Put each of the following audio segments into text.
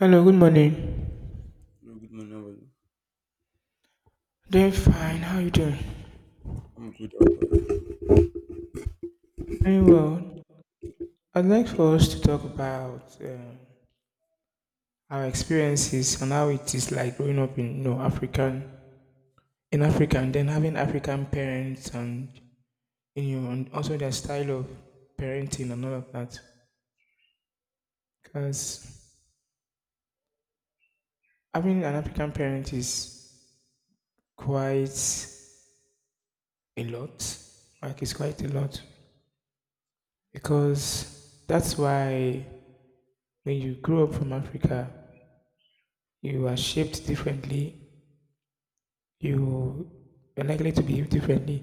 Hello, good morning. No, good morning. How are you? Doing fine. How you doing? I'm good. How about you? Doing well. I'd like for us to talk about our experiences and how it is like growing up in African in Africa and then having African parents, and and also their style of parenting and all of that. Because having an African parent is quite a lot. Like, it's quite a lot because that's why when you grow up from Africa, you are shaped differently, you are likely to behave differently.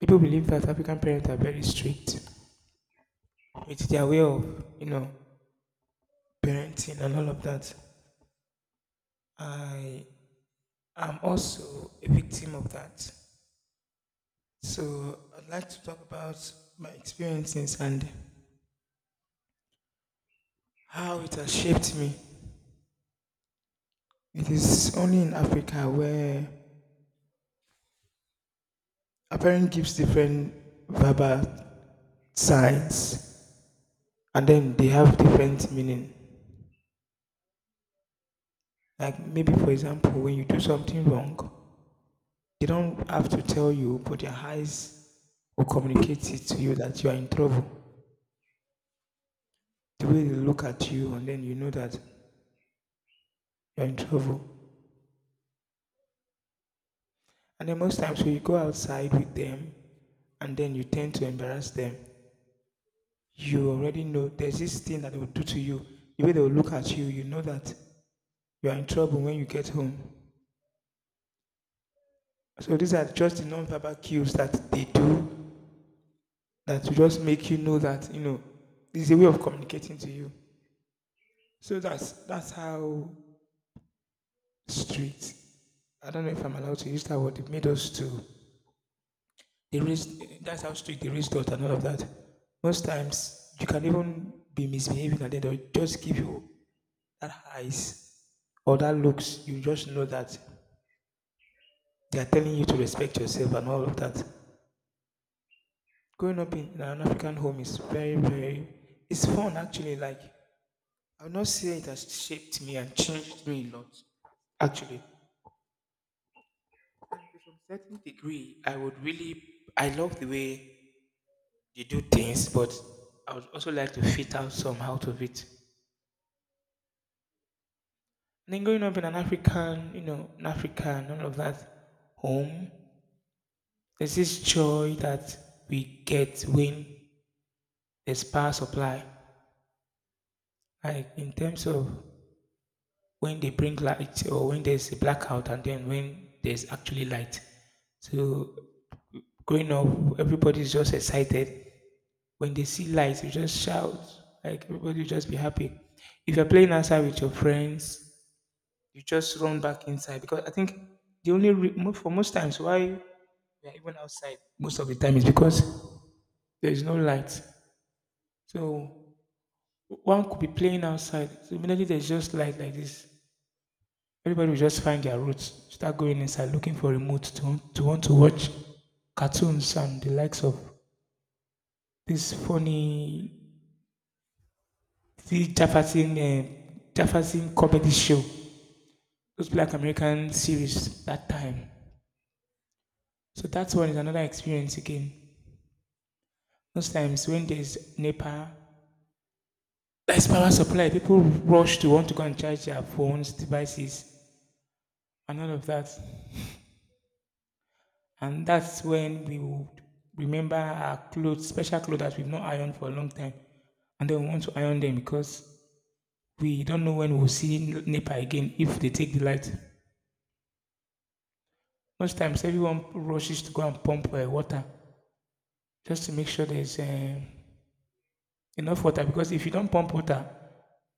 People believe that African parents are very strict with their way of, parenting and all of that. I am also a victim of that. So I'd like to talk about my experiences and how it has shaped me. It is only in Africa where a parent gives different verbal signs and then they have different meaning. Like maybe, for example, when you do something wrong, they don't have to tell you, but their eyes will communicate it to you that you are in trouble. The way they look at you, and then you know that you're in trouble. And then most times when you go outside with them, and then you tend to embarrass them, you already know there's this thing that they will do to you. The way they will look at you, you know that you are in trouble when you get home. So these are just the non-verbal cues that they do that will just make you know that, you know, there's a way of communicating to you. So that's how strict. I don't know if I'm allowed to use that word. They made us to. They raised. That's how strict they raised us and all of that. Most times you can even be misbehaving and then they'll just give you that eyes or that looks. You just know that they are telling you to respect yourself and all of that. Growing up in an African home is very very. It's fun actually. Like, I'll not say it has shaped me and changed me a lot. Actually, to some certain degree, I would really, I love the way they do things, but I would also like to fit out some out of it. And then growing up in an African, an African, all of that home, there's this joy that we get when there's power supply. Like in terms of when they bring light or when there's a blackout and then when there's actually light. So growing up, everybody's just excited. When they see light, you just shout. Like, everybody will just be happy. If you're playing outside with your friends, you just run back inside because I think the only for most times why we are even outside most of the time is because there is no light. So one could be playing outside. So immediately there's just light like this, everybody will just find their roots, start going inside looking for remote to want to watch cartoons and the likes of this funny this Jefferson Jefferson comedy show, those Black American series that time. So that one is another experience again. Most times when there's NEPA, there's power supply, people rush to want to go and charge their phones, devices, and all of that. And that's when we would remember our clothes, special clothes that we've not ironed for a long time. And then we want to iron them because we don't know when we'll see NEPA again if they take the light. Most times, everyone rushes to go and pump water just to make sure there's enough water, because if you don't pump water,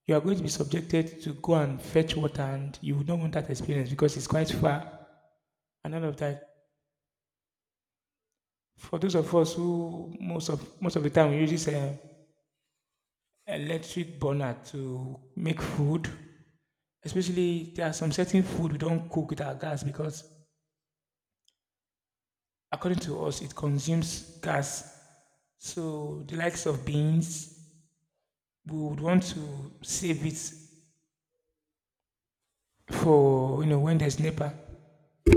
you are going to be subjected to go and fetch water and you don't want that experience because it's quite far and all of that. For those of us who most of the time we use this electric burner to make food. Especially there are some certain food we don't cook with our gas because according to us it consumes gas. So the likes of beans, we would want to save it for, when there's NEPA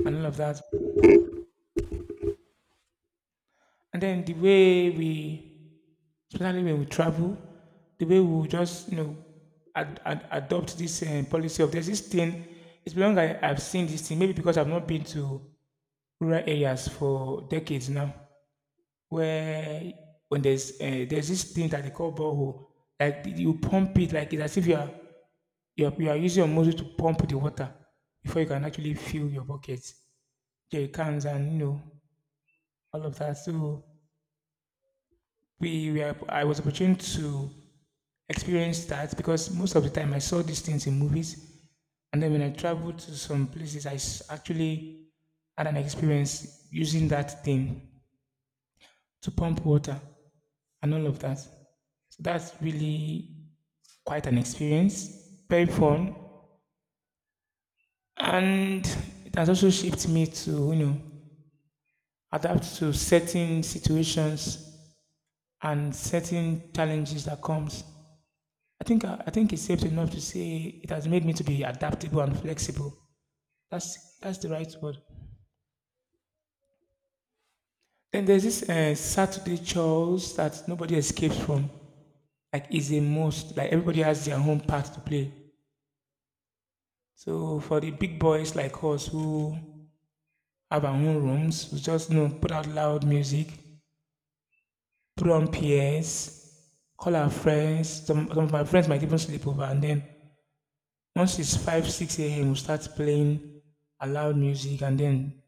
and all of that. And then the way we, especially when we travel, the way we just, adopt this policy of there's this thing. It's been long I've seen this thing. Maybe because I've not been to rural areas for decades now, where when there's this thing that they call borehole, like you pump it like it's as if you are using your muscle to pump the water before you can actually fill your buckets, your cans, and you know all of that. So we were I was opportune to experience that because most of the time I saw these things in movies, and then when I traveled to some places, I actually had an experience using that thing to pump water and all of that. So that's really quite an experience, very fun, and it has also shaped me to, you know, adapt to certain situations and certain challenges that comes. I think it's safe enough to say it has made me to be adaptable and flexible. That's the right word. Then there's this Saturday chores that nobody escapes from. Like, it's a must. Like, everybody has their own part to play. So for the big boys like us who have our own rooms. We just, you know, put out loud music, put on PS, call our friends. Some of my friends might even sleep over, and then once it's 5 6 a.m., we start playing a loud music and then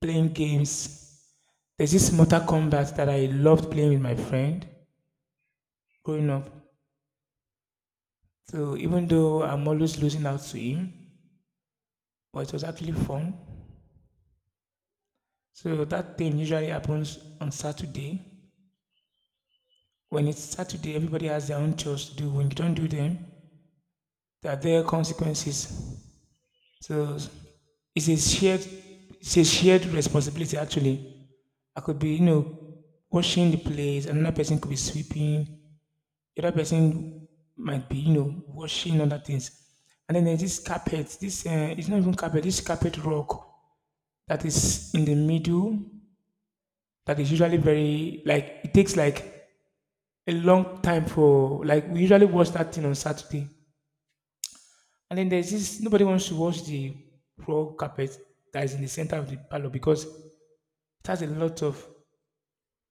playing games. There's this Mortal Kombat that I loved playing with my friend growing up. So even though I'm always losing out to him, but it was actually fun. So that thing usually happens on Saturday. When it's Saturday, everybody has their own chores to do. When you don't do them, there are there consequences. So it's a shared it's a shared responsibility actually. I could be, you know, washing the place, another person could be sweeping, the other person might be, you know, washing other things. And then there's this carpet, this it's not even carpet, this carpet rock that is in the middle that is usually very like it takes like a long time for like we usually watch that thing on Saturday. And then there's this nobody wants to wash the floor carpet that is in the center of the parlor because it has a lot of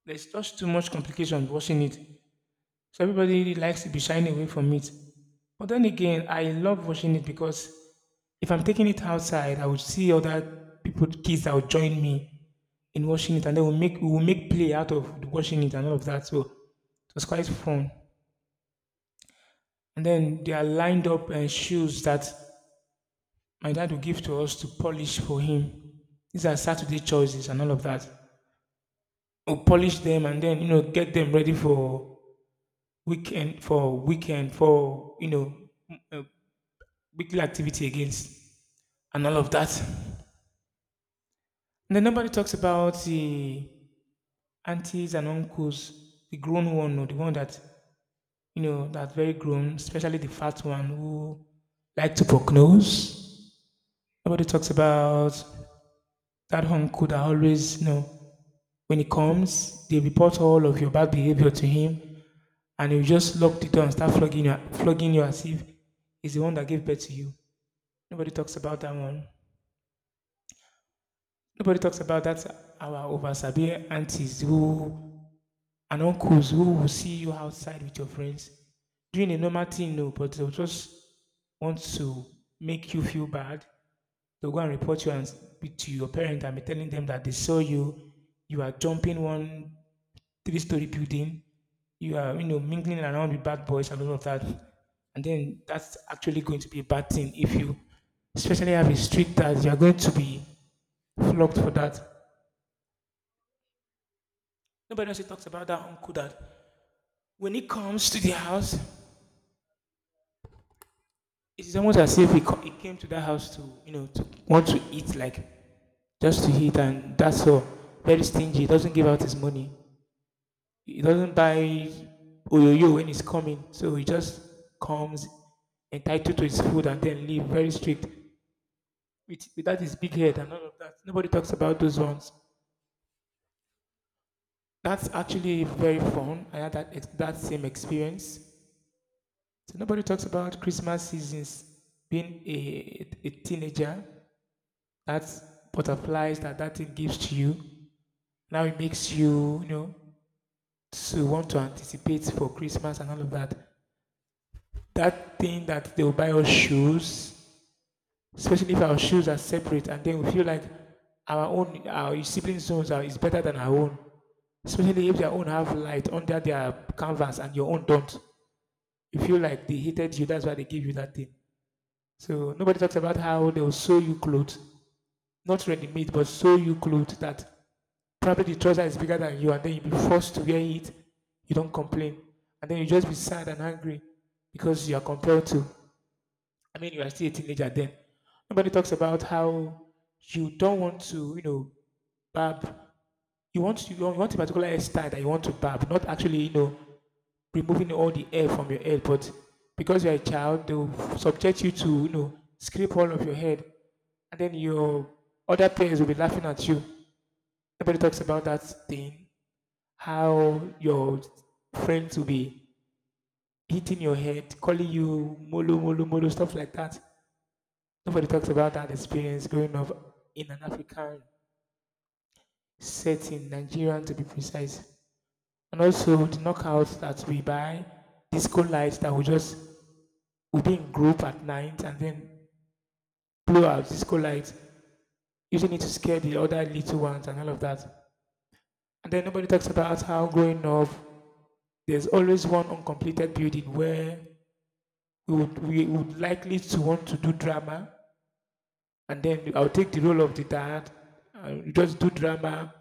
there's just too much complication washing it. So everybody really likes to be shying away from it. But then again, I love washing it because if I'm taking it outside, I would see other people, kids that would join me in washing it, and then we will make play out of washing it and all of that. So it was quite fun. And then they are lined up and shoes that my dad will give to us to polish for him. These are Saturday choices and all of that. We'll polish them and then you know get them ready for weekend for, uh, weekly activity against and all of that. And then nobody talks about the aunties and uncles, the grown one or the one that you know that very grown, especially the fat one who like to poke nose. Nobody talks about that uncle that always, know, when he comes, they report all of your bad behavior to him, and he'll just lock the door and start flogging you as if he's the one that gave birth to you. Nobody talks about that one. Nobody talks about that. Our oversabir aunties who and uncles who will see you outside with your friends doing a normal thing, no, but they'll just want to make you feel bad. They'll go and report you and speak to your parent and be telling them that they saw you. You are jumping one 3-story building. You are, you know, mingling around with bad boys and all of that. And then that's actually going to be a bad thing if you especially have a street that you're going to be flogged for that. Nobody also talks about that uncle that when he comes to the house, it's almost as if he came to that house to, you know, to want to eat, like just to eat, and that's all. Very stingy, doesn't give out his money. He doesn't buy Oyoyo when he's coming, so he just comes entitled to his food and then leave very strict. Without his big head and all of that, nobody talks about those ones. That's actually very fun. I had that same experience. So nobody talks about Christmas seasons being a teenager. That's butterflies that that thing gives to you. Now it makes you, to want to anticipate for Christmas and all of that. That thing that they'll buy us shoes, especially if our shoes are separate and then we feel like our own our siblings shoes are is better than our own, especially if their own have light under their canvas and your own don't. You feel like they hated you. That's why they give you that thing. So nobody talks about how they will sew you clothes, not ready made, but sew you clothes that probably the trouser is bigger than you, and then you be forced to wear it. You don't complain, and then you just be sad and angry because you are compelled to. I mean, you are still a teenager then. Nobody talks about how you don't want to, barb. You want a particular hairstyle that you want to barb, not actually, removing all the hair from your head. But because you're a child, they will subject you to, scrape all of your head, and then your other parents will be laughing at you. Nobody talks about that thing. How your friends will be hitting your head, calling you molo molo molo, stuff like that. Nobody talks about that experience growing up in an African setting, Nigerian to be precise. And also the knockouts that we buy, disco lights that we just would be in group at night and then blow out disco lights, using it to scare the other little ones and all of that. And then nobody talks about how, growing up, there's always one uncompleted building where we would likely to want to do drama, and then I'll take the role of the dad and just do drama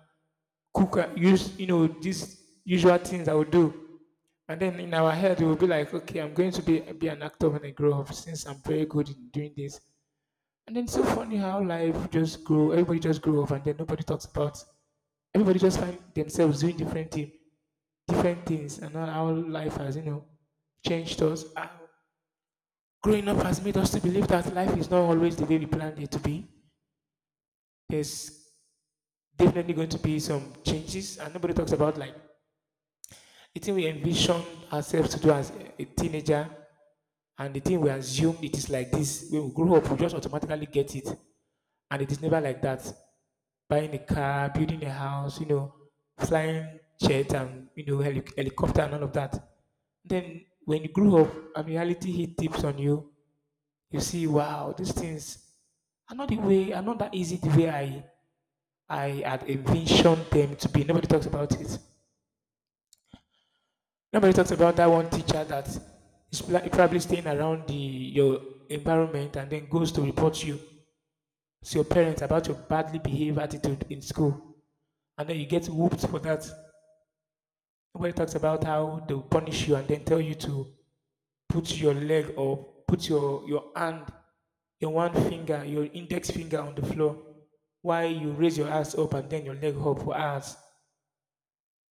cook, use, these usual things I would do. And then in our head, it will be like, okay, I'm going to be an actor when I grow up since I'm very good in doing this. And then it's so funny how life just grow, everybody just grow up, and then nobody talks about, everybody just find themselves doing different thing, different things, and how life has, changed us. Growing up has made us to believe that life is not always the way we planned it to be. There's definitely going to be some changes, and nobody talks about, like, the thing we envision ourselves to do as a teenager, and the thing we assume it is like this. When we grow up, we just automatically get it. And it is never like that. Buying a car, building a house, flying jet and, helicopter and all of that. Then when you grow up and reality hit tips on you, you see, wow, these things are not the way, are not that easy the way I had envisioned them to be. Nobody talks about it. Nobody talks about that one teacher that is probably staying around the your environment and then goes to report you to your parents about your badly behaved attitude in school, and then you get whooped for that. Nobody talks about how they'll punish you and then tell you to put your leg or put your hand, your one finger, your index finger on the floor while you raise your ass up and then your leg up for hours.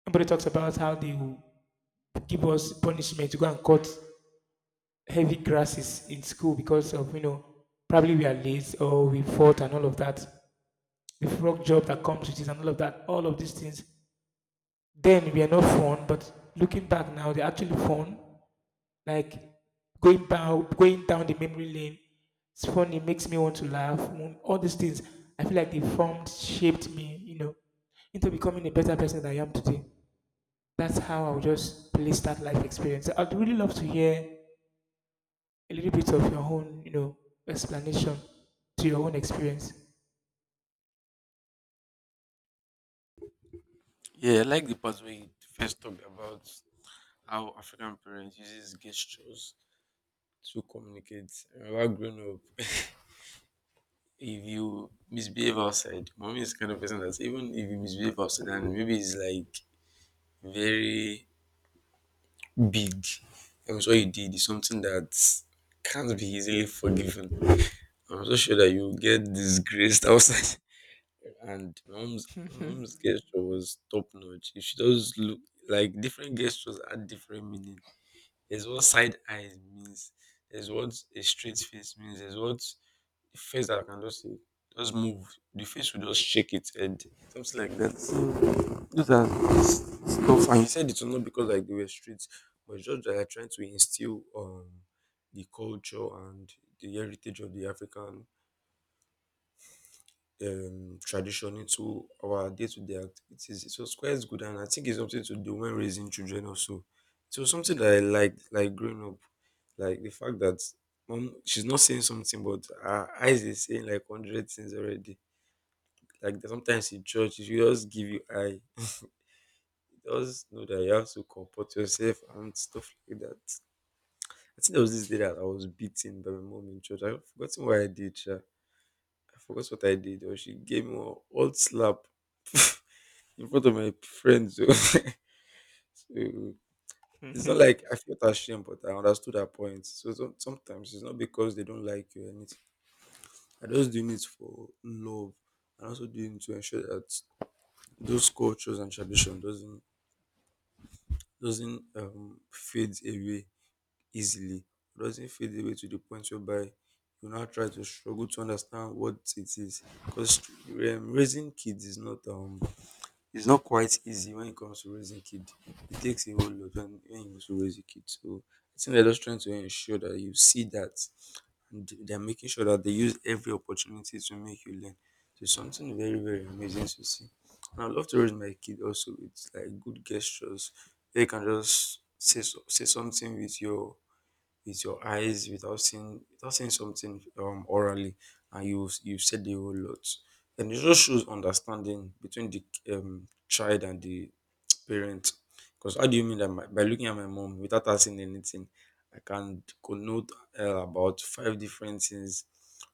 Nobody talks about how they will give us punishment to go and cut heavy grasses in school because of, probably we are late or we fought and all of that, the frog job that comes with it and all of that, all of these things then we are not fun, but looking back now, they're actually fun, like going down the memory lane. It's funny. It makes me want to laugh. All these things, I feel like they formed shaped me, into becoming a better person than I am today. That's how I would just place that life experience. I'd really love to hear a little bit of your own, explanation to your own experience. Yeah, I like the part where you first talked about how African parents uses gestures to communicate. I remember growing up, if you misbehave outside, mommy is the kind of person that even if you misbehave outside and maybe it's like very big, and what you did is something that can't be easily forgiven. I'm so sure that you get disgraced outside. And my mom's gesture was top notch. If she does look like different gestures had different meaning. There's what side eyes means. There's what a straight face means. There's what a face that I can just say just move. The face will just shake its head, something like that. So those are stuff. And you said it's not because like they were straight, but it's just that they're trying to instill the culture and the heritage of the African tradition into our day-to-day activities. So it's quite good, and I think it's something to do when raising children also. So something that I like growing up, like the fact that mom, she's not saying something, but her eyes is saying like 100 things already. Like sometimes in church, she just give you eye. It does know that you have to comport yourself and stuff like that. I think there was this day that I was beaten by my mom in church. I've forgotten what I did. Sha. I forgot what I did, or she gave me one old slap in front of my friends. So it's not like I felt ashamed, but I understood her point. So sometimes it's not because they don't like you or anything. I just doing it for love and also doing it to ensure that those cultures and tradition doesn't fade away easily. Doesn't fade away to the point whereby you now try to struggle to understand what it is. Because raising kids is not it's not quite easy when it comes to raising kids. It takes a whole lot when you also raise a kid. So I think they're just trying to ensure that you see that and they're making sure that they use every opportunity to make you learn. So it's something very, very amazing to see. And I love to raise my kid also with like good gestures. They can just say say something with your eyes without seeing without seeing something orally and you said the whole lot and it just shows understanding between the child and the parent because how do you mean that by looking at my mom without asking anything I can connote about 5 different things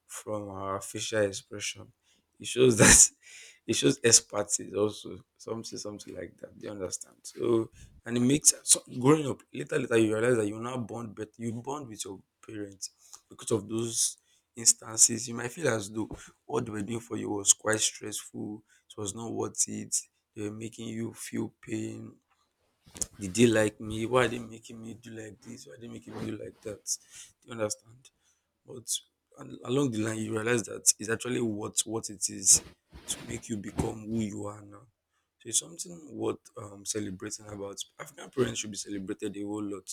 from her facial expression. It shows that it shows expertise also something like that. Do you understand? So and it makes growing up later you realize that you now bond but you bond with your parents because of those instances. You might feel as though what they were doing for you was quite stressful, it was not worth it, they were making you feel pain. Did they like me? Why are they making me do like this? Why are they making me do like that? Do you understand? But along the line, you realize that it's actually what it is to make you become who you are now. So it's something worth celebrating about. African parents should be celebrated a whole lot.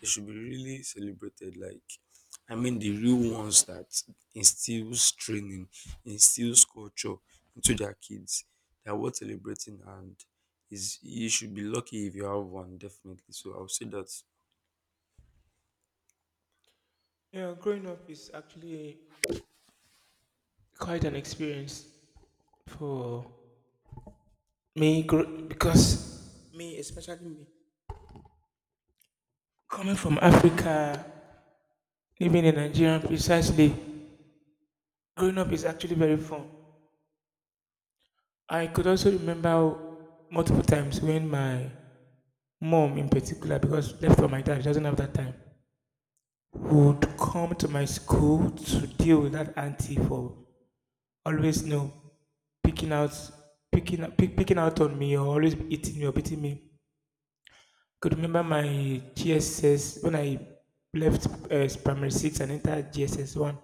They should be really celebrated. Like, I mean, the real ones that instills training, instills culture into their kids. They are worth celebrating, and is you should be lucky if you have one. Definitely. So I'll say that. Yeah, growing up is actually quite an experience for me because me, especially me, coming from Africa, living in Nigeria precisely, growing up is actually very fun. I could also remember multiple times when my mom, in particular, because left for my dad, she doesn't have that time, would come to my school to deal with that auntie for always no picking out picking out on me, or always eating me or beating me. Could remember my GSS when I left primary six and entered GSS one.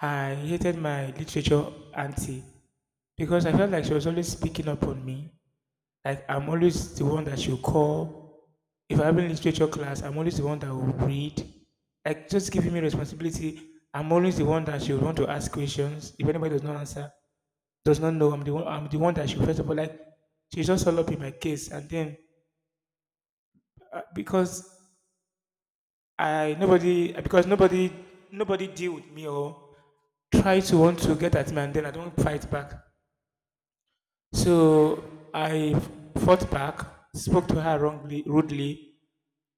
I hated my literature auntie because I felt like she was always picking up on me. Like I'm always the one that she'll call. If I have a literature class, I'm always the one that will read. Like just giving me responsibility. I'm always the one that she would want to ask questions if anybody does not answer. Does not know I'm the one. I'm the one that she first of all like. She just all up in my case, and then because I nobody because nobody deal with me or try to want to get at me, and then I don't fight back. So I fought back, spoke to her wrongly, rudely,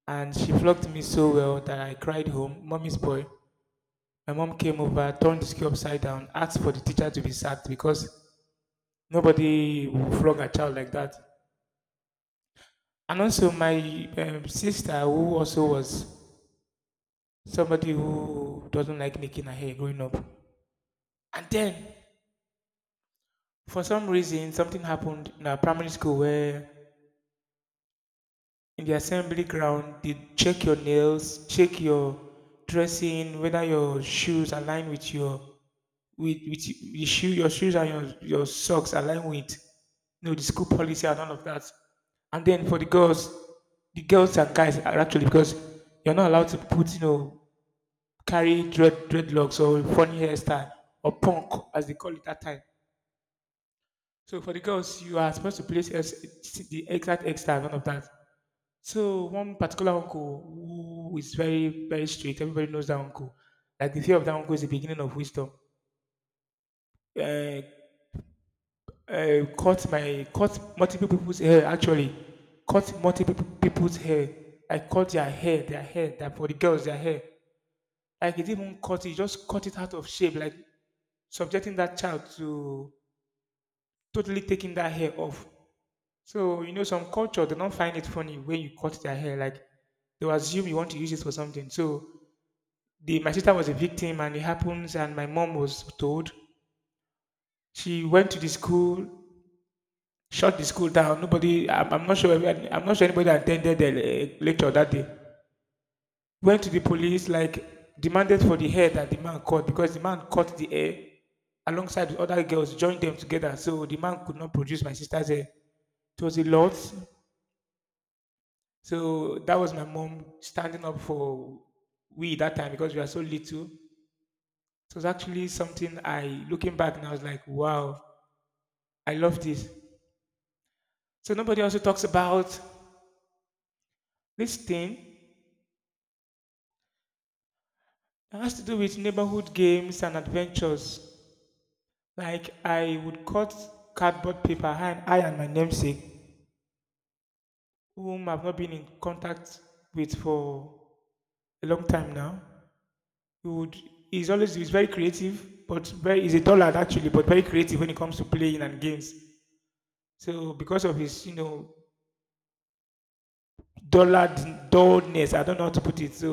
and she flogged me so well that I cried home. Mommy's boy. My mom came over, turned the school upside down, asked for the teacher to be sacked because nobody will flog a child like that. And also, my sister, who also was somebody who doesn't like making her hair growing up. And then, for some reason, something happened in our primary school where in the assembly ground, they check your nails, check your dressing, whether your shoes align with your with your shoe, your shoes and your socks align with, the school policy and all of that. And then for the girls and guys are actually, because you're not allowed to put, carry dread dreadlocks or funny hairstyle or punk as they call it that time. So for the girls, you are supposed to place the exact extra none of that. So one particular uncle who is very very strict. Everybody knows that uncle. Like the fear of that uncle is the beginning of wisdom. Uh, cut multiple people's hair actually. Cut multiple people's hair. I cut their hair, that for the girls, their hair. Like it didn't even cut it, he just cut it out of shape, like subjecting that child to totally taking that hair off. So, some culture, they don't find it funny when you cut their hair. Like, they'll assume you want to use it for something. So, the, my sister was a victim and it happens. And my mom was told she went to the school, shut the school down. I'm not sure, anybody attended the lecture that day. Went to the police, like, demanded for the hair that the man cut because the man cut the hair alongside with other girls, joined them together. So, the man could not produce my sister's hair. It was a lot. So that was my mom standing up for we that time because we were so little. So it was actually something I, looking back now, I was like, wow, I love this. So nobody also talks about this thing that has to do with neighborhood games and adventures. Like I would cut cardboard paper, I and my namesake, whom I've not been in contact with for a long time now. He would. He's very creative, but very he's a tall lad actually, but very creative when it comes to playing and games. So because of his, dullard dullness, I don't know how to put it. So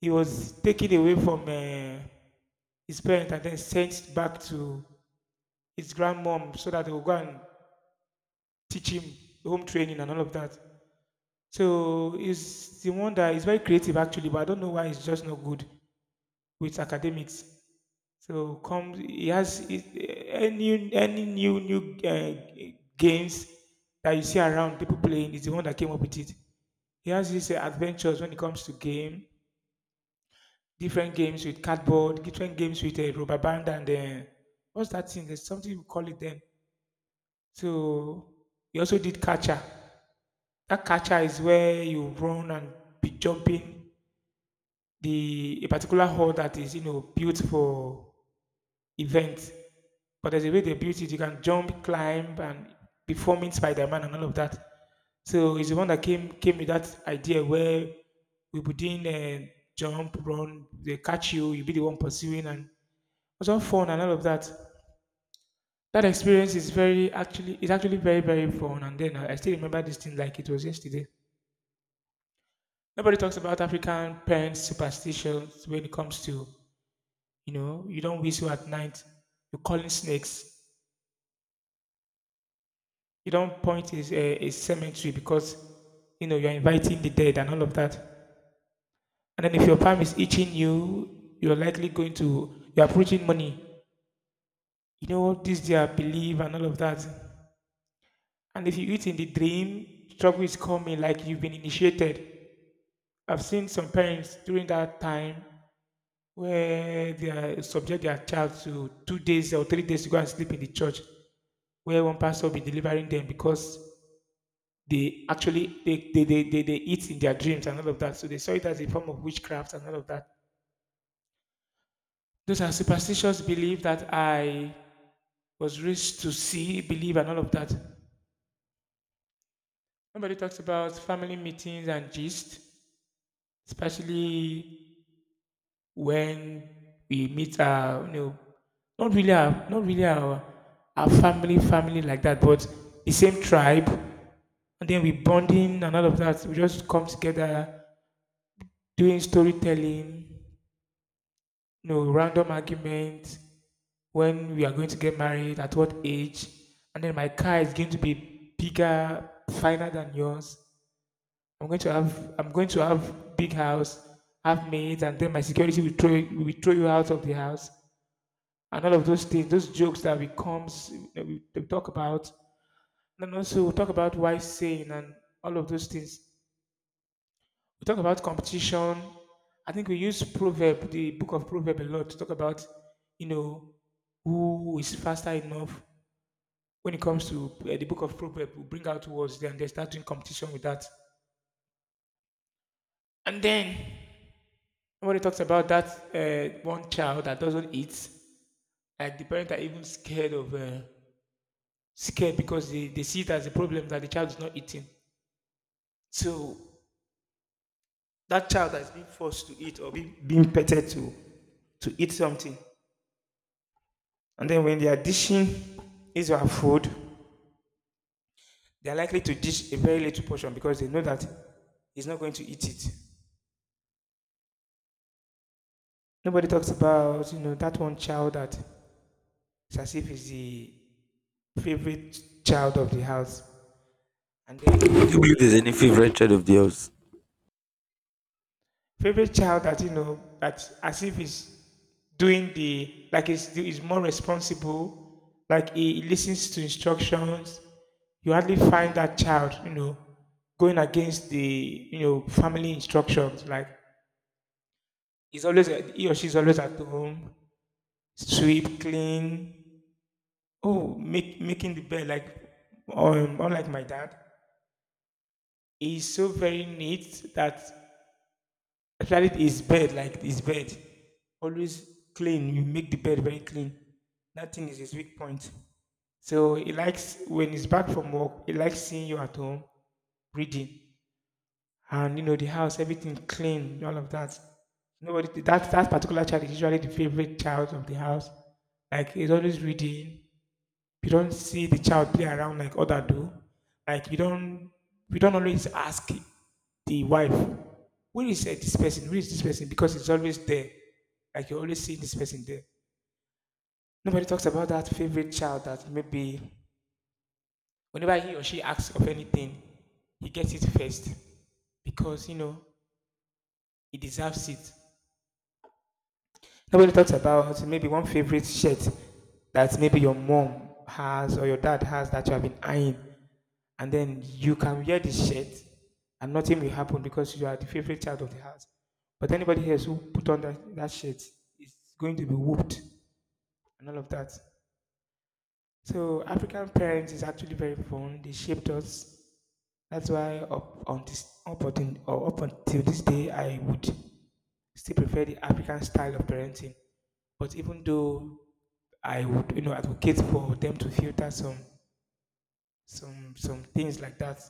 he was taken away from his parents and then sent back to his grandmom so that they would go and teach him home training and all of that. So he's the one that is very creative actually, but I don't know why he's just not good with academics. So comes he has any new games that you see around people playing is the one that came up with it. He has these adventures when it comes to game, different games with cardboard, different games with rubber band and what's that thing? There's something we call it then. So he also did catcher. That catcher is where you run and be jumping the a particular hole that is, built for event. But there's a way they built it. You can jump, climb, and performing Spider-Man and all of that. So it's the one that came with that idea where we put in jump, run, they catch you, you be the one pursuing, and it was all fun and all of that. That experience is very actually is actually very fun. And then I still remember this thing like it was yesterday. Nobody talks about African parents' superstitions when it comes to, you know, you don't whistle at night, you're calling snakes. You don't point is a cemetery because, you know, you're inviting the dead and all of that. And then if your palm is itching you, you're likely going to you're approaching money. You know this their belief and all of that. And if you eat in the dream, trouble is coming like you've been initiated. I've seen some parents during that time where they are subject their child to 2 days or 3 days to go and sleep in the church where one pastor will be delivering them because they actually they eat in their dreams and all of that. So they saw it as a form of witchcraft and all of that. Those are superstitious beliefs that I was raised to see, believe, and all of that. Nobody talks about family meetings and gist, especially when we meet our, you know, not really our family like that, but the same tribe, and then we bonding and all of that. We just come together doing storytelling, no random argument when we are going to get married, at what age, and then my car is going to be bigger, finer than yours. I'm going to have big house, have maids, and then my security will throw you out of the house, and all of those things, those jokes that we comes that we talk about, and then also we talk about why saying and all of those things. We talk about competition. I think we use proverb, the book of proverb, a lot to talk about, you know, who is faster enough. When it comes to the book of proverb, we bring out words then they start doing competition with that. And then somebody talks about that one child that doesn't eat, and the parents are even scared of scared because they see it as a problem that the child is not eating. So that child that is being forced to eat or being petted to eat something. And then when they are dishing Israel food, they are likely to dish a very little portion because they know that he's not going to eat it. Nobody talks about, you know, that one child that it's as if is the favorite child of the house. And then Do you believe the there's any favorite child of yours? favorite child that you know that as if he's more responsible like he listens to instructions. You hardly find that child, you know, going against the, you know, family instructions, like he's always, he or she's always at home, sweep clean, oh, make making the bed like unlike my dad, he's so very neat that, especially his bed, like his bed, always clean. You make the bed very clean. Nothing is his weak point. So he likes when he's back from work, he likes seeing you at home, reading. And you know, the house, everything clean, all of that. Nobody that that particular child is usually the favorite child of the house. Like he's always reading, you don't see the child play around like other do. Like you don't, we don't always ask the wife, where is eh, this person? Where is this person? Because it's always there. Like you always see this person there. Nobody talks about that favorite child that maybe whenever he or she asks of anything, he gets it first. Because, you know, he deserves it. Nobody talks about maybe one favorite shirt that maybe your mom has or your dad has that you have been eyeing. And then you can wear the shirt and nothing will happen because you are the favorite child of the house. But anybody else who put on that shirt is going to be whooped and all of that. So African parents is actually very fun. They shaped us. That's why up on this up until, or up until this day I would still prefer the African style of parenting. But even though I would, you know, advocate for them to filter some things like that.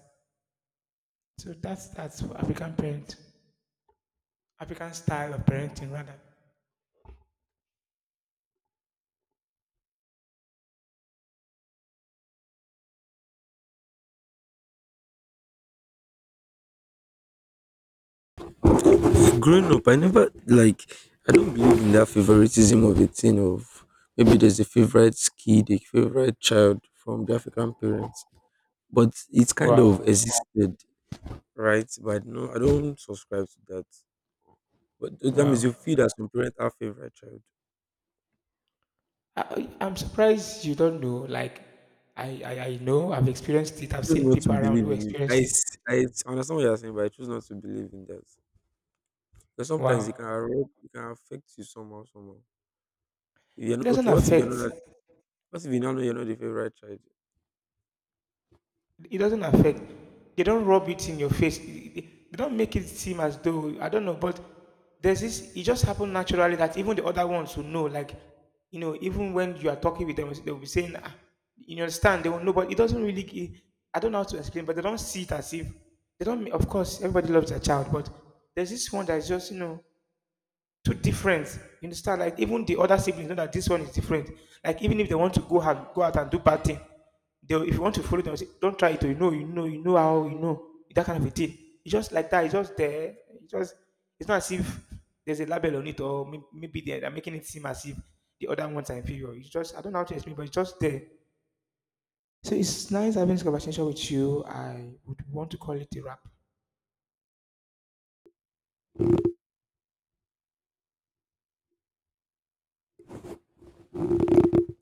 So that's for African parent, African style of parenting rather. Growing up, I never like I don't believe in that favoritism of a thing of maybe there's a favorite kid, a favorite child from the African parents. But it's kind of Wow, existed, right? But no, I don't subscribe to that. But that means wow. you feel that some parents have favorite child. I'm surprised you don't know. Like, I know I've experienced it. I've Choose seen not people to around believe who in it. Experienced it. I understand what you're saying, but I choose not to believe in that. Because sometimes it Wow. can it can affect you somehow, somehow. If you're It not, doesn't okay, what if you're affect. not what if you now know you're not the favorite child? It doesn't affect. They don't rub it in your face. They don't make it seem as though I don't know, but there's this. It just happened naturally that even the other ones will know. Like, you know, even when you are talking with them, they'll be saying, ah, "You understand?" They will know, but it doesn't really. Gi- I don't know how to explain, but they don't see it as if they don't. Ma- of course, everybody loves their child, but there's this one that's just, you know, to different. You understand? Like even the other siblings know that this one is different. Like even if they want to go out and do bad thing, they will- if you want to follow them, say, don't try it. Oh, you know, you know, you know how you know that kind of a thing. It's just like that. It's just there. It's just it's not as if there's a label on it or may- maybe they're making it seem as if the other ones are inferior. It's just I don't know how to explain, but it's just there. So it's nice having this conversation with you. I would want to call it a wrap.